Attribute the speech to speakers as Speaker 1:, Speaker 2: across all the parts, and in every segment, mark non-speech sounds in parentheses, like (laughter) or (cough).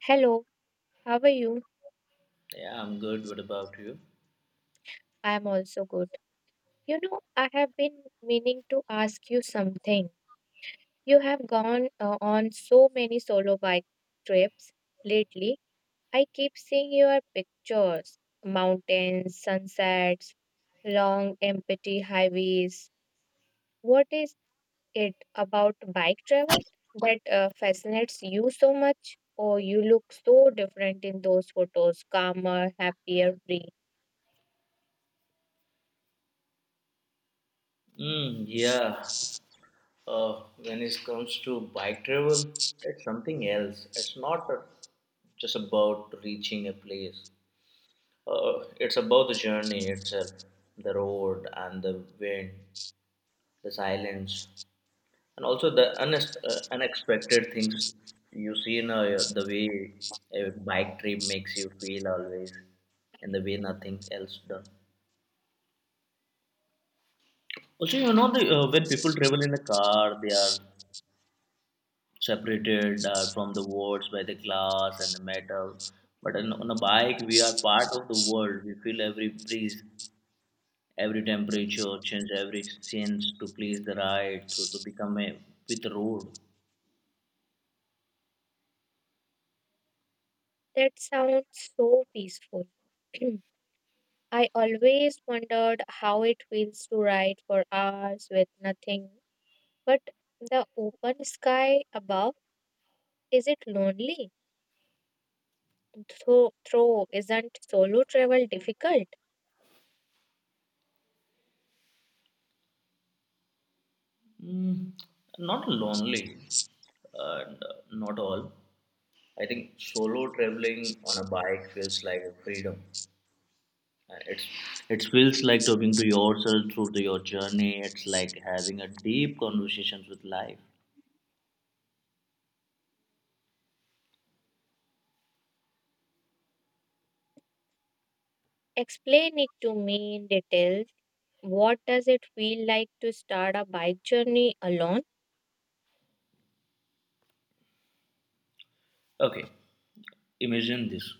Speaker 1: Hello, how are you?
Speaker 2: Yeah, I'm good. What about you?
Speaker 1: I'm also good. You know, I have been meaning to ask you something. You have gone on so many solo bike trips lately. I keep seeing your pictures, mountains, sunsets, long empty highways. What is it about bike travel that fascinates you so much? Or you look so different in those photos, calmer, happier, free.
Speaker 2: Yeah. When it comes to bike travel, it's something else. It's not a, just about reaching a place. It's about the journey itself, the road and the wind, the silence, and also the unexpected things you see in the way a bike trip makes you feel always, and the way nothing else does. Also, you know, when people travel in a car, they are separated from the worlds by the glass and the metal. But on a bike, we are part of the world. We feel every breeze, every temperature change, every change to please the ride, to become a with the road.
Speaker 1: That sounds so peaceful. (clears throat) I always wondered how it feels to ride for hours with nothing but the open sky above. Is it lonely? Through isn't solo travel difficult?
Speaker 2: Mm, Not lonely, not all. I think solo traveling on a bike feels like a freedom. Uh, It's it feels like talking to yourself through your journey. It's like having a deep conversations with life.
Speaker 1: Explain it to me in detail. What does it feel like to start a bike journey alone?
Speaker 2: Okay, imagine this: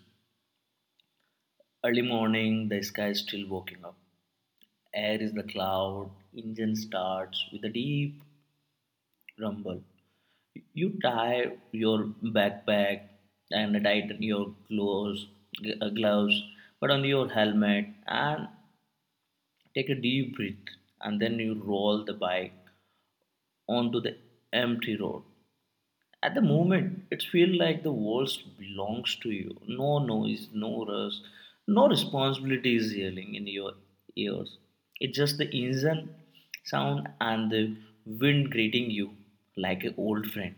Speaker 2: early morning, the sky is still waking up. Air is the cloud, engine starts with a deep rumble. You tie your backpack and tighten your gloves, put on your helmet and take a deep breath, and then you roll the bike onto the empty road. At the moment, it feels like the world belongs to you. No noise, no rush, no responsibility is yelling in your ears. It's just the engine sound and the wind greeting you like an old friend.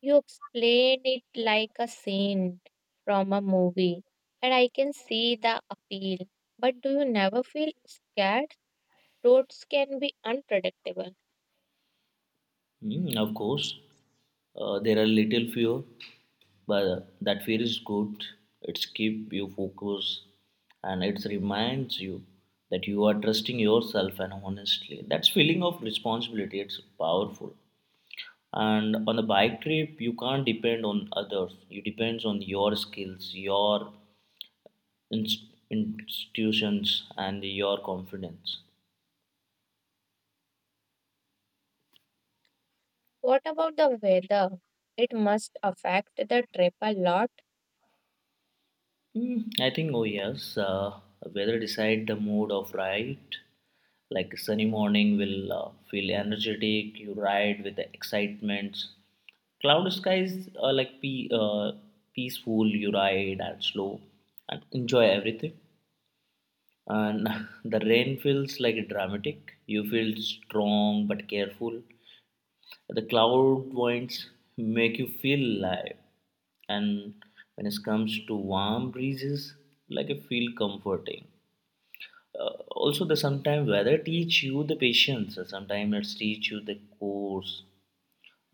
Speaker 1: You explain it like a scene from a movie, and I can see the appeal. But do you never feel scared? Roads can be unpredictable.
Speaker 2: Of course, there are little fear, but that fear is good. It's keep you focused and it reminds you that you are trusting yourself and honestly. That feeling of responsibility, it's powerful. And on the bike trip you can't depend on others, you depends on your skills, your inst- institutions and your confidence.
Speaker 1: What about the weather? It must affect the trip a lot.
Speaker 2: I think, oh yes, weather decide the mood of ride. Like a sunny morning will feel energetic, you ride with the excitement. Cloud skies are like peaceful, you ride and slow and enjoy everything. And (laughs) the rain feels like dramatic, you feel strong but careful. The cloud winds make you feel alive. And when it comes to warm breezes, like, I feel comforting. Also, the sometimes weather teach you the patience, sometimes it teach you the course,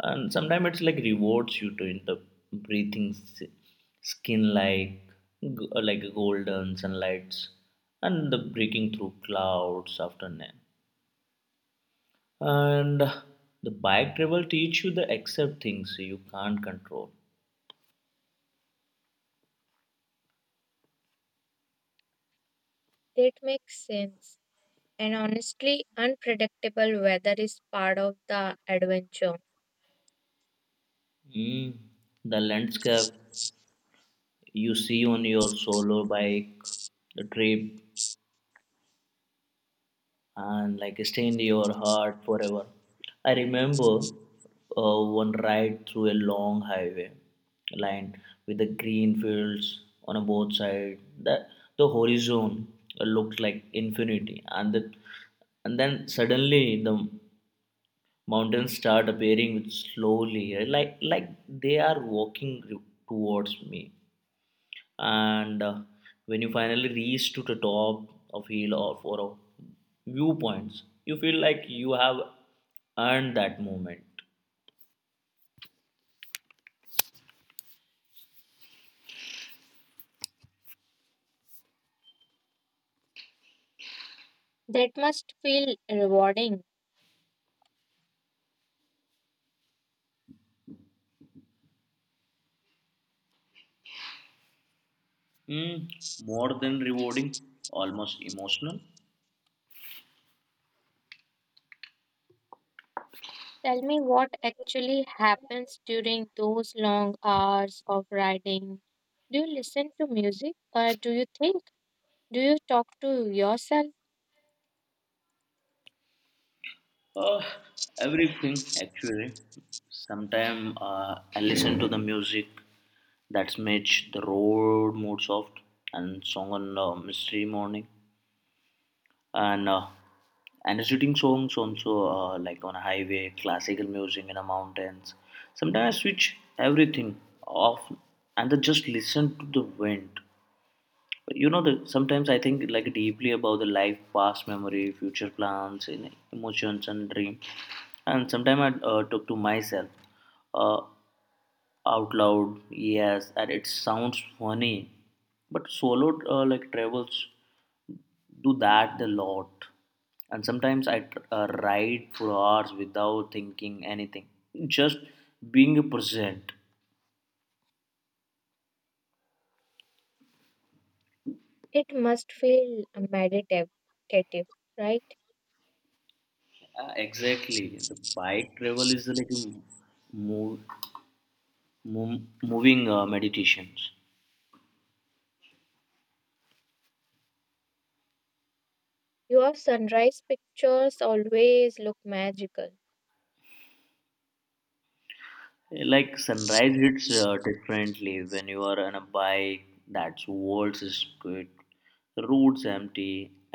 Speaker 2: and sometimes it's like rewards you to in the breathing skin like like golden sunlights and the breaking through clouds after night. And the bike travel teach you the accept things you can't control.
Speaker 1: That makes sense. And honestly, unpredictable weather is part of the adventure.
Speaker 2: Mm, the landscape you see on your solo bike the trip and like stay in your heart forever. I remember one ride through a long highway lined with the green fields on a both sides. The horizon looked like infinity, and then suddenly the mountains start appearing with slowly, like they are walking towards me. And when you finally reach to the top of hill or for a viewpoints, you feel like you have earned that moment.
Speaker 1: That must feel rewarding.
Speaker 2: mm, More than rewarding, almost emotional.
Speaker 1: Tell me what actually happens during those long hours of riding. Do you listen to music or do you think? Do you talk to yourself?
Speaker 2: uh, Everything actually. Sometimes I listen to the music that makes the road more soft, and song on mystery morning. And uh, and shooting songs also, like on a highway, classical music in the mountains. Sometimes I switch everything off and I just listen to the wind. But you know the sometimes I think like deeply about the life, past memory, future plans and emotions and dream. And sometimes I talk to myself, uh, out loud, yes, and it sounds funny. But solo, like travels do that a lot. And sometimes I ride for hours without thinking anything, just being present.
Speaker 1: It must feel meditative, right?
Speaker 2: Exactly, the bike travel is like a move, move, moving meditations.
Speaker 1: Your sunrise pictures always look magical.
Speaker 2: Like sunrise hits differently when you are on a bike. That's world is good, the roads empty,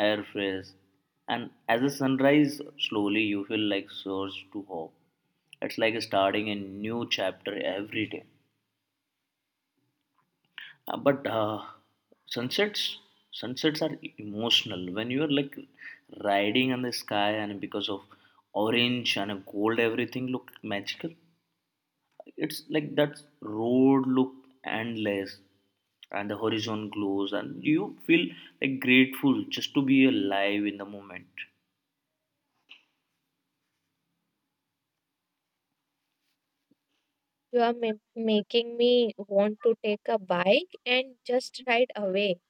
Speaker 2: air fresh, and as the sunrise slowly, you feel like source to hope. It's like starting a new chapter every day. But sunsets, sunsets are emotional. When you are like riding on the sky, and because of orange and gold, everything look magical. It's like that road look endless, and the horizon glows, and you feel like grateful just to be alive in the moment.
Speaker 1: You are making me want to take a bike and just ride away.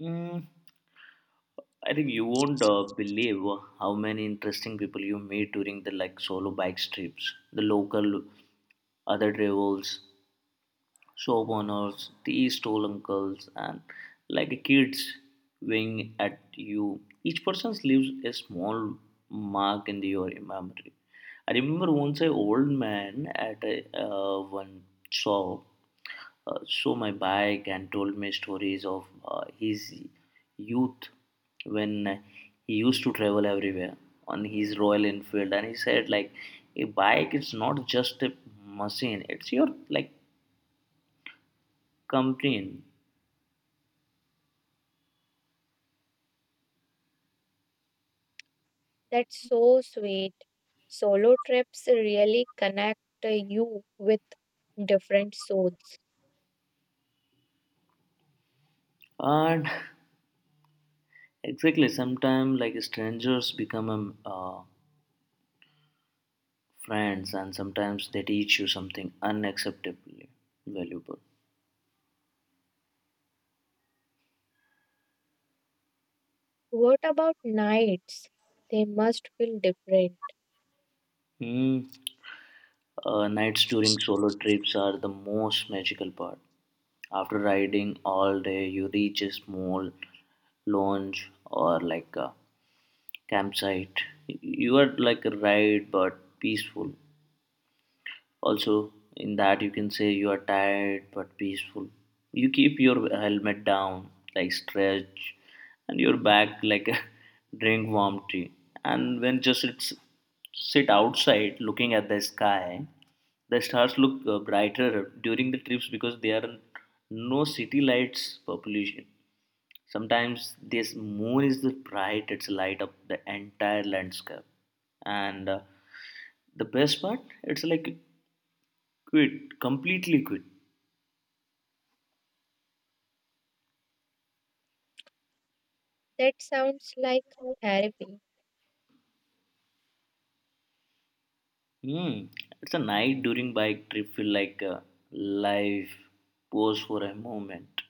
Speaker 2: Mm, I think you won't believe how many interesting people you meet during the like solo bike trips. The local, other drivers, shop owners, the stall uncles, and like kids wing at you. Each person leaves a small mark in your memory. I remember once an old man at one shop show my bike and told me stories of his youth when he used to travel everywhere on his Royal Enfield. And he said, like, a bike is not just a machine, it's your like companion.
Speaker 1: That's so sweet. Solo trips really connect you with different souls.
Speaker 2: And (laughs) exactly, sometimes like strangers become friends, and sometimes they teach you something unacceptably valuable.
Speaker 1: What about nights? They must feel different.
Speaker 2: Hmm. Nights during solo trips are the most magical part. After riding all day, you reach a small lounge or like a campsite. You are like a ride but peaceful. Also, in that you can say you are tired but peaceful. You keep your helmet down, like stretch, and your back like (laughs) drink warm tea. And when just it's sit outside looking at the sky, the stars look brighter during the trips because there are no city lights population. Sometimes this moon is the bright; it's light up the entire landscape. And the best part, it's like quit, completely quit.
Speaker 1: That sounds like therapy.
Speaker 2: Hmm. It's a night during bike trip feel like a live pause for a moment.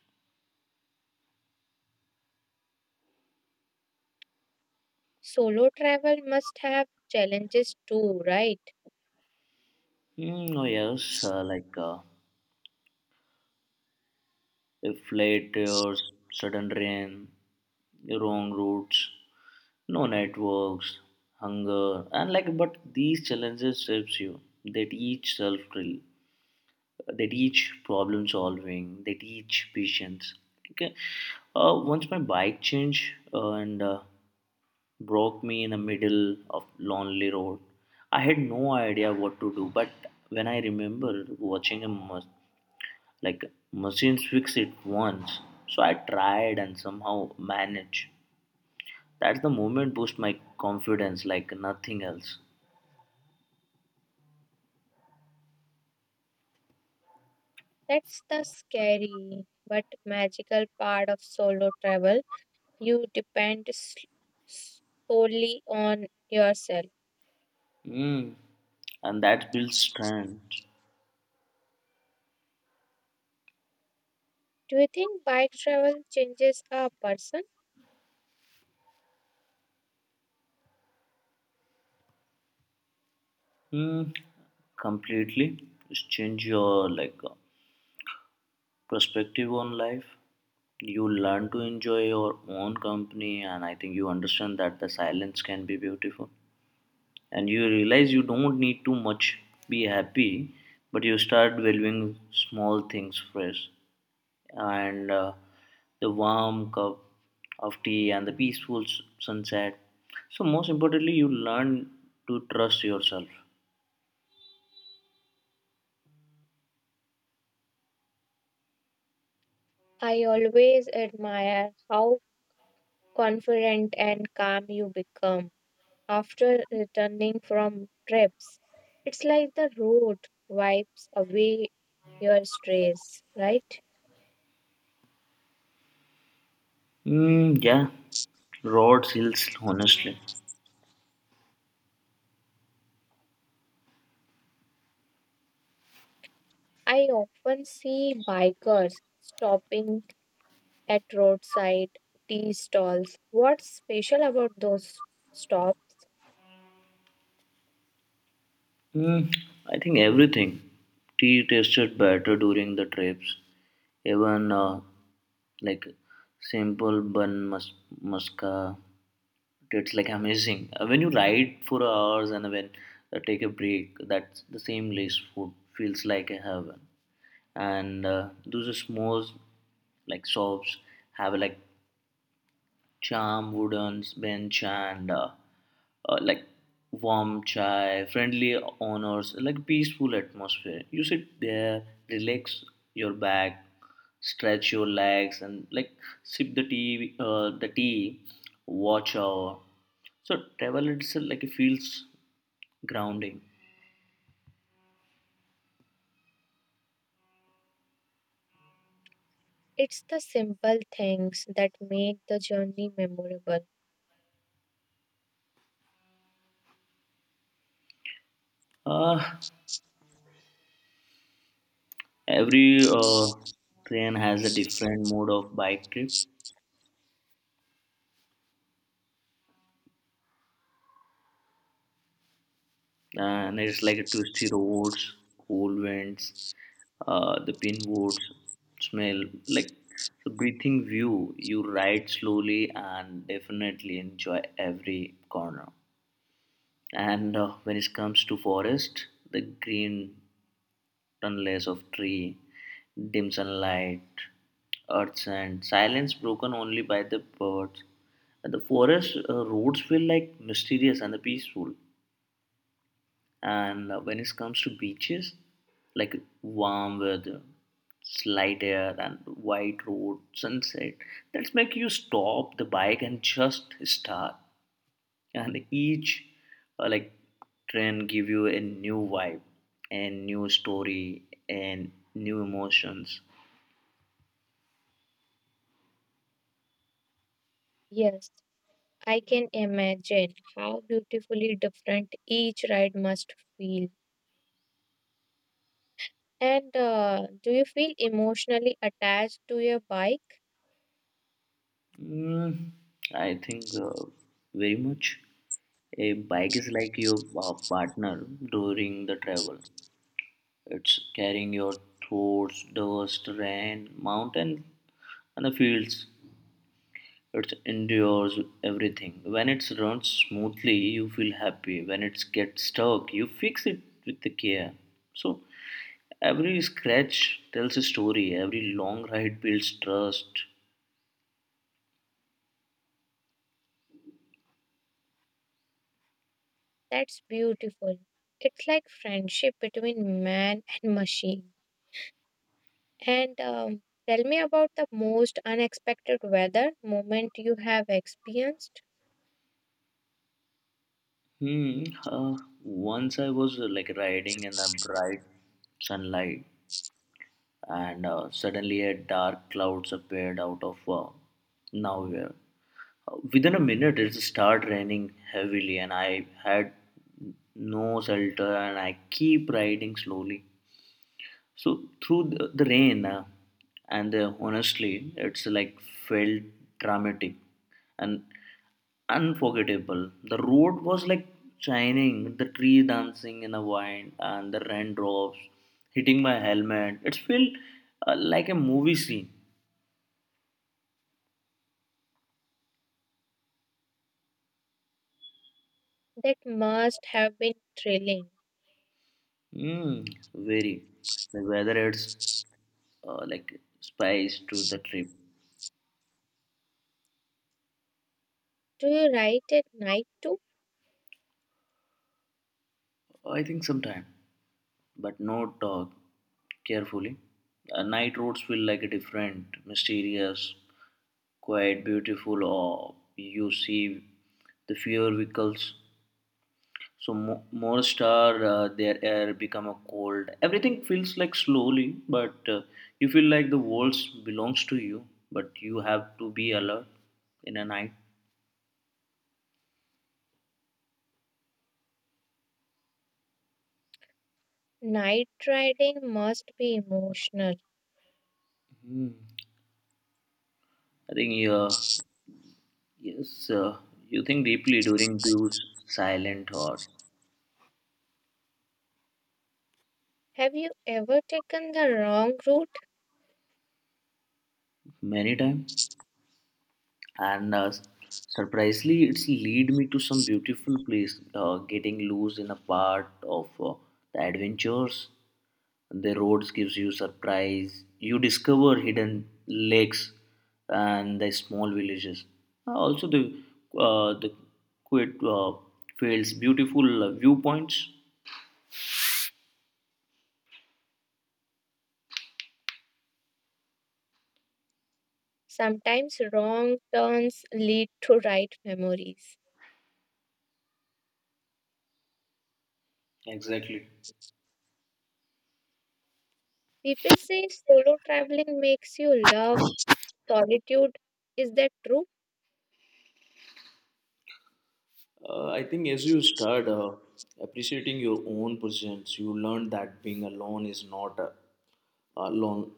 Speaker 1: Solo travel must have challenges too, right?
Speaker 2: Hmm. Oh yes, if late hours, sudden rain, wrong routes, no networks, hunger, and like but these challenges shapes you. They teach self drill. They teach problem solving. They teach patience. Okay. Once my bike changed and broke me in the middle of lonely road. I had no idea what to do, but when I remember watching a like machines fix it once, so I tried and somehow managed. That's the moment boost my confidence like nothing else.
Speaker 1: That's the scary but magical part of solo travel. You depend s- solely on yourself.
Speaker 2: Mm. And that builds strength.
Speaker 1: Do you think bike travel changes a person?
Speaker 2: Mm. Completely. Just change your like perspective on life. You learn to enjoy your own company, and I think you understand that the silence can be beautiful. And you realize you don't need too much be happy, but you start valuing small things first. And the warm cup of tea and the peaceful sunset. So, most importantly, you learn to trust yourself.
Speaker 1: I always admire how confident and calm you become after returning from trips. It's like the road wipes away your stress, right?
Speaker 2: Yeah, roads, hills, honestly.
Speaker 1: I often see bikers stopping at roadside tea stalls. What's special about those stops?
Speaker 2: Mm, I think everything. Tea tasted better during the trips. Even like simple bun muska. It's like amazing. When you ride for hours and when take a break, that's the same lace food feels like a heaven. And those small like shops have like charm, wooden bench, and like warm chai, friendly honors, like peaceful atmosphere. You sit there, relax your back, stretch your legs, and like the tea, watch our. So travel itself like it feels grounding.
Speaker 1: It's the simple things that make the journey memorable.
Speaker 2: Uh, every train has a different mode of bike trip. And it's like a twisty roads, cold winds, the pinwoods smell like the breathing view. You ride slowly and definitely enjoy every corner. And when it comes to forest, the green tunnels of tree, dim sunlight, earth and silence broken only by the birds. And the forest roads feel like mysterious and peaceful. And when it comes to beaches, like warm weather, slight air, and white road, sunset, that's make you stop the bike and just start. And each like trend give you a new vibe, a new story, and new emotions.
Speaker 1: Yes, I can imagine how beautifully different each ride must feel. And do you feel emotionally attached to your bike?
Speaker 2: Mm, I think very much. A bike is like your partner during the travel. It's carrying your thoughts, dust, rain, mountain, and the fields. It endures everything. When it runs smoothly, you feel happy. When it gets stuck, you fix it with the care. So every scratch tells a story. Every long ride builds trust.
Speaker 1: That's beautiful. It's like friendship between man and machine. And tell me about the most unexpected weather moment you have experienced.
Speaker 2: Hmm. Once I was like riding in the bright sunlight, and suddenly a dark clouds appeared out of nowhere. Within a minute, it started raining heavily, and I had no shelter, and I keep riding slowly. So through the rain, and honestly, it's like felt dramatic and unforgettable. The road was like shining, the tree dancing in the wind, and the raindrops hitting my helmet. It felt like a movie scene.
Speaker 1: That must have been thrilling.
Speaker 2: Very. The weather it's like spice to the trip.
Speaker 1: Do you ride at night too?
Speaker 2: Oh, I think sometime, but not carefully. Night roads feel like a different, mysterious, quite beautiful. Or you see the fewer vehicles. So more star, their air become a cold. Everything feels like slowly, but you feel like the walls belongs to you. But you have to be alert in a night.
Speaker 1: Night riding must be emotional.
Speaker 2: I think yeah, Yes, you think deeply during those silent or
Speaker 1: Have you ever taken the wrong route?
Speaker 2: many time, and surprisingly, it's lead me to some beautiful place. Getting loose in a part of the adventures, the roads gives you surprise. You discover hidden lakes and the small villages. Also, the quiet fields, beautiful viewpoints.
Speaker 1: Sometimes wrong turns lead to right memories.
Speaker 2: Exactly.
Speaker 1: People say solo traveling makes you love solitude. Is that true?
Speaker 2: I think as you start appreciating your own presence, you learn that being alone is not a long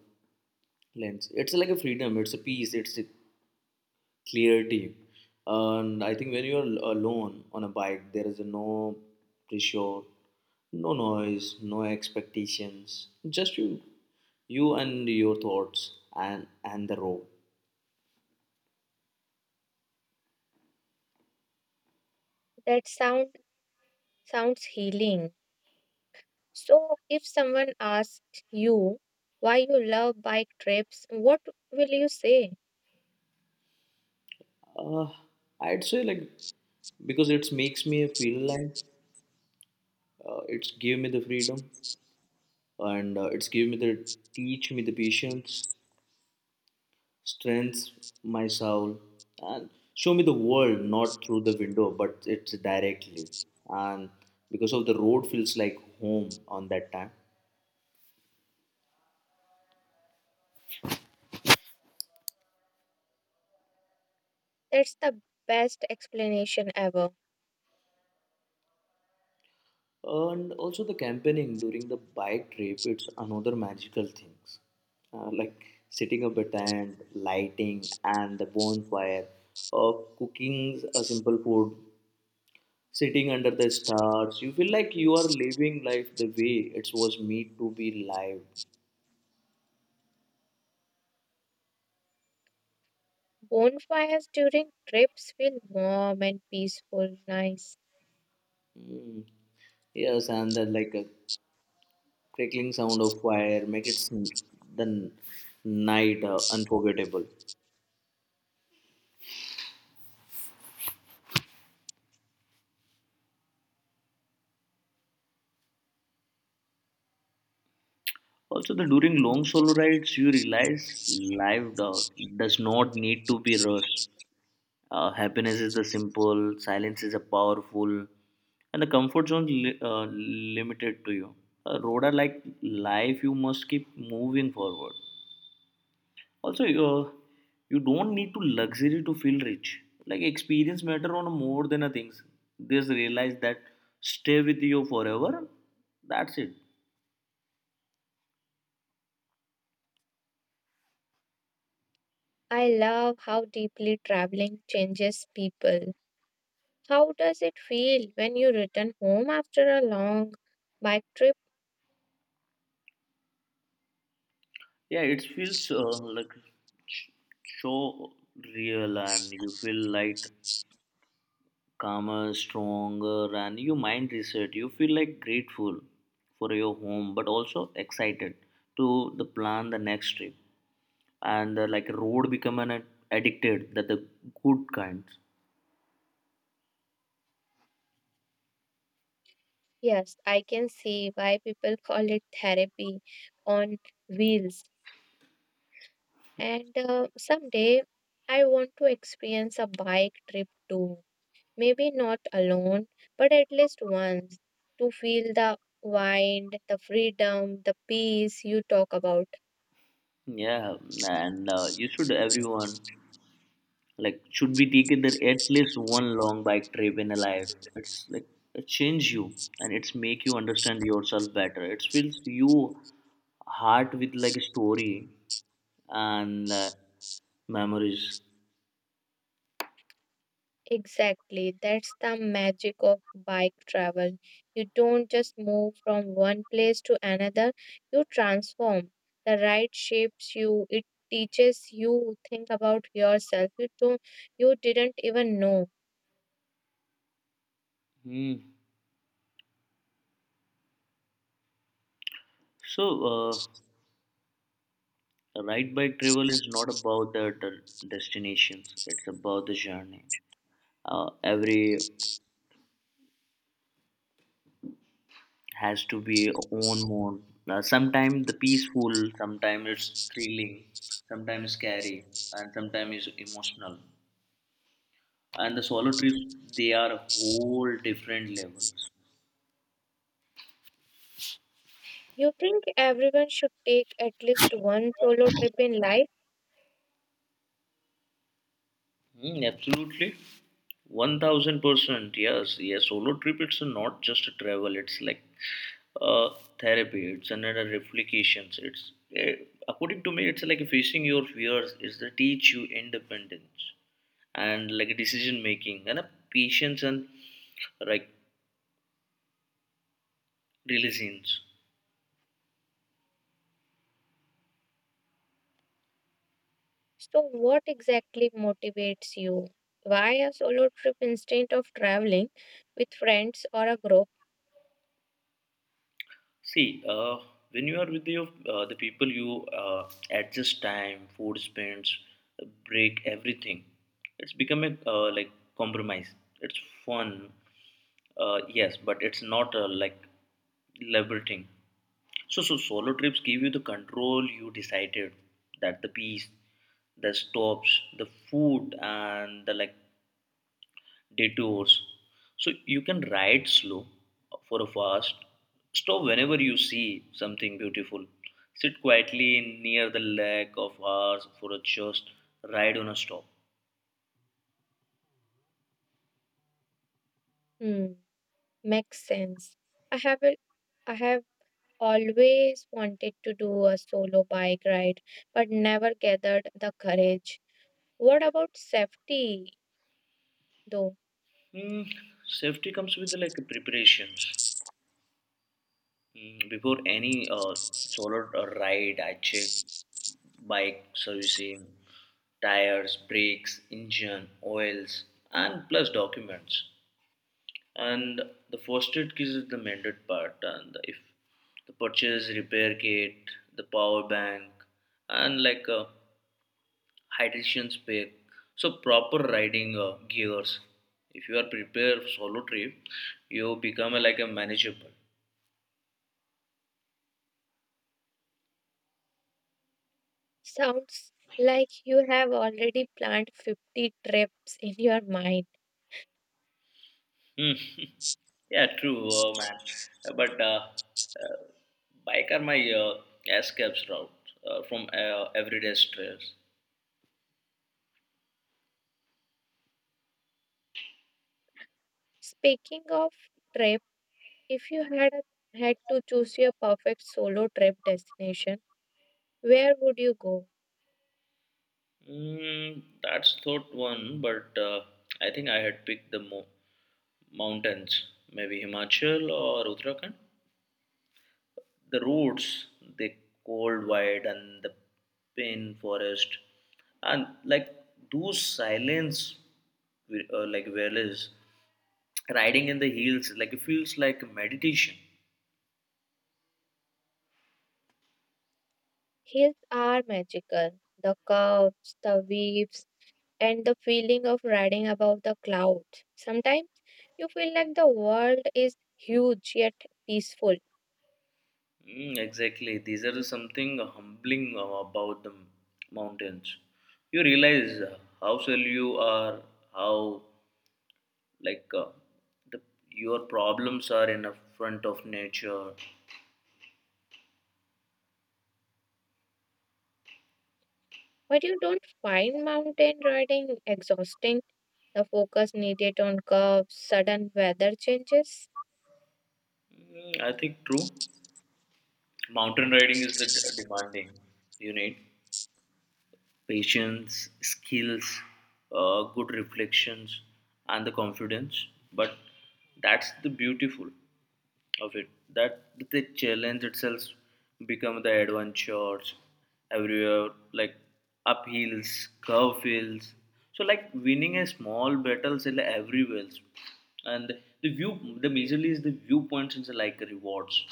Speaker 2: lens. It's like a freedom, it's a peace, it's a clarity. And I think when you are alone on a bike, there is no pressure, no noise, no expectations, just you and your thoughts and the road.
Speaker 1: That sound sounds healing. So if someone asks you why you love bike trips, what will you say?
Speaker 2: Uh, I'd say like because it makes me feel like it's give me the freedom and it's give me the teach me the patience, strengths my soul, and show me the world not through the window but it's directly. And because of the road feels like home on that time.
Speaker 1: That's the best explanation ever.
Speaker 2: And also the campaigning during the bike trip, it's another magical things like setting up a tent, lighting, and the bonfire, or cooking a simple food sitting under the stars. You feel like you are living life the way it was made to be live.
Speaker 1: Bonfires during trips feel warm and peaceful, nice.
Speaker 2: Mm. Yes, and the like a crackling sound of fire make the night unforgettable. Also, the during long solo rides, you realize does not need to be rushed. Happiness is the simple, silence is a powerful, and the comfort zone limited to you. A road are like life; you must keep moving forward. Also, you don't need to luxury to feel rich. Like experience matter on more than a things. Just realize that stay with you forever. That's it.
Speaker 1: I love how deeply traveling changes people. How does it feel when you return home after a long bike trip?
Speaker 2: Yeah, it feels like sh- so real, and you feel like calmer, stronger, and your mind reset. You feel like grateful for your home, but also excited to the plan the next trip. And like road become an addicted that the good kinds.
Speaker 1: Yes, I can see why people call it therapy on wheels. And someday I want to experience a bike trip too. Maybe not alone, but at least once to feel the wind, the freedom, the peace you talk about.
Speaker 2: Yeah, and you should everyone like should be taking there at least one long bike trip in a life. It's like it change you and it's make you understand yourself better. It fills you heart with like a story and memories.
Speaker 1: Exactly, that's the magic of bike travel. You don't just move from one place to another, you transform. The ride shapes you, it teaches you think about yourself you didn't even know.
Speaker 2: Hmm. So, ride bike travel is not about the destinations. It's about the journey. Every has to be own more. Sometimes the peaceful, sometimes it's thrilling, sometimes scary, and sometimes it's emotional. And the solo trips, they are whole different levels.
Speaker 1: You think everyone should take at least one solo trip in life?
Speaker 2: Mm, absolutely. 1000%, yes, solo trip, it's not just a travel, it's like uh, therapy, it's another reflections, it's according to me, it's like facing your fears. It's the teach you independence and like decision making and a patience and like resilience.
Speaker 1: So what exactly motivates you? Why a solo trip instead of traveling with friends or a group?
Speaker 2: See, when you are with your the people, you adjust time, food spends, break everything. It's become a like compromise. It's fun, yes, but it's not like liberating. So solo trips give you the control, you decided that the peace, the stops, the food, and the like detours. So you can ride slow for a fast. Stop whenever you see something beautiful. Sit quietly near the lake of hours for a just ride on a stop.
Speaker 1: Hmm. Makes sense. I have a, I have always wanted to do a solo bike ride, but never gathered the courage. What about safety, though?
Speaker 2: Hmm, safety comes with like preparations. Hmm, before any solo ride, I check bike servicing, tires, brakes, engine, oils, and plus documents. And the fostered kit is the mended part, and if the purchase repair kit, the power bank, and like a hydration pack, so proper riding gears. If you are prepared for solo trip, you become like a manageable.
Speaker 1: Sounds like you have already planned 50 trips in your mind.
Speaker 2: Hmm. Yeah true man, but uh, bike are my escapes route from everyday stress.
Speaker 1: Speaking of trip, if you had had to choose your perfect solo trip destination, where would you go?
Speaker 2: That's thought one, but I think I had picked the mountains, maybe Himachal or Uttarakhand. The roads, the cold white and the pine forest, and like those silence, like valleys, riding in the hills, like it feels like meditation.
Speaker 1: Hills are magical. The curves, the waves, and the feeling of riding above the clouds. Sometimes you feel like the world is huge yet peaceful,
Speaker 2: Mm, exactly. These are something humbling about the mountains. You realize how well you are, how like uh, the, your problems are in a front of nature.
Speaker 1: but you don't find mountain riding exhausting. The focus needed on curves, sudden weather changes.
Speaker 2: Mm, I think true. Mountain riding is the demanding you need. Patience, skills, good reflections, and the confidence. But that's the beautiful of it. That the challenge itself become the adventures everywhere, like uphills, curve hills. So like winning a small battles in everywhere, else. And the view the majorly is the viewpoints and the like rewards.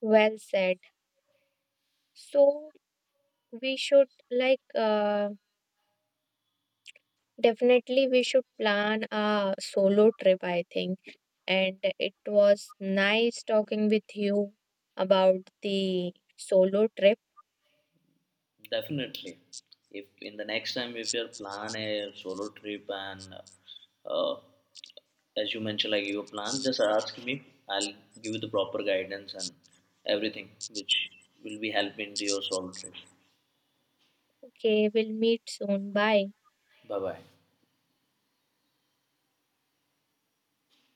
Speaker 1: Well said. So we should definitely we should plan a solo trip, I think, and it was nice talking with you about the solo trip.
Speaker 2: Definitely. If in the next time if you plan a solo trip, and uh, as you mentioned like you plan, just ask me. I'll give you the proper guidance and everything which will be helping to your solo trip.
Speaker 1: Okay, we'll meet soon. Bye.
Speaker 2: Bye bye.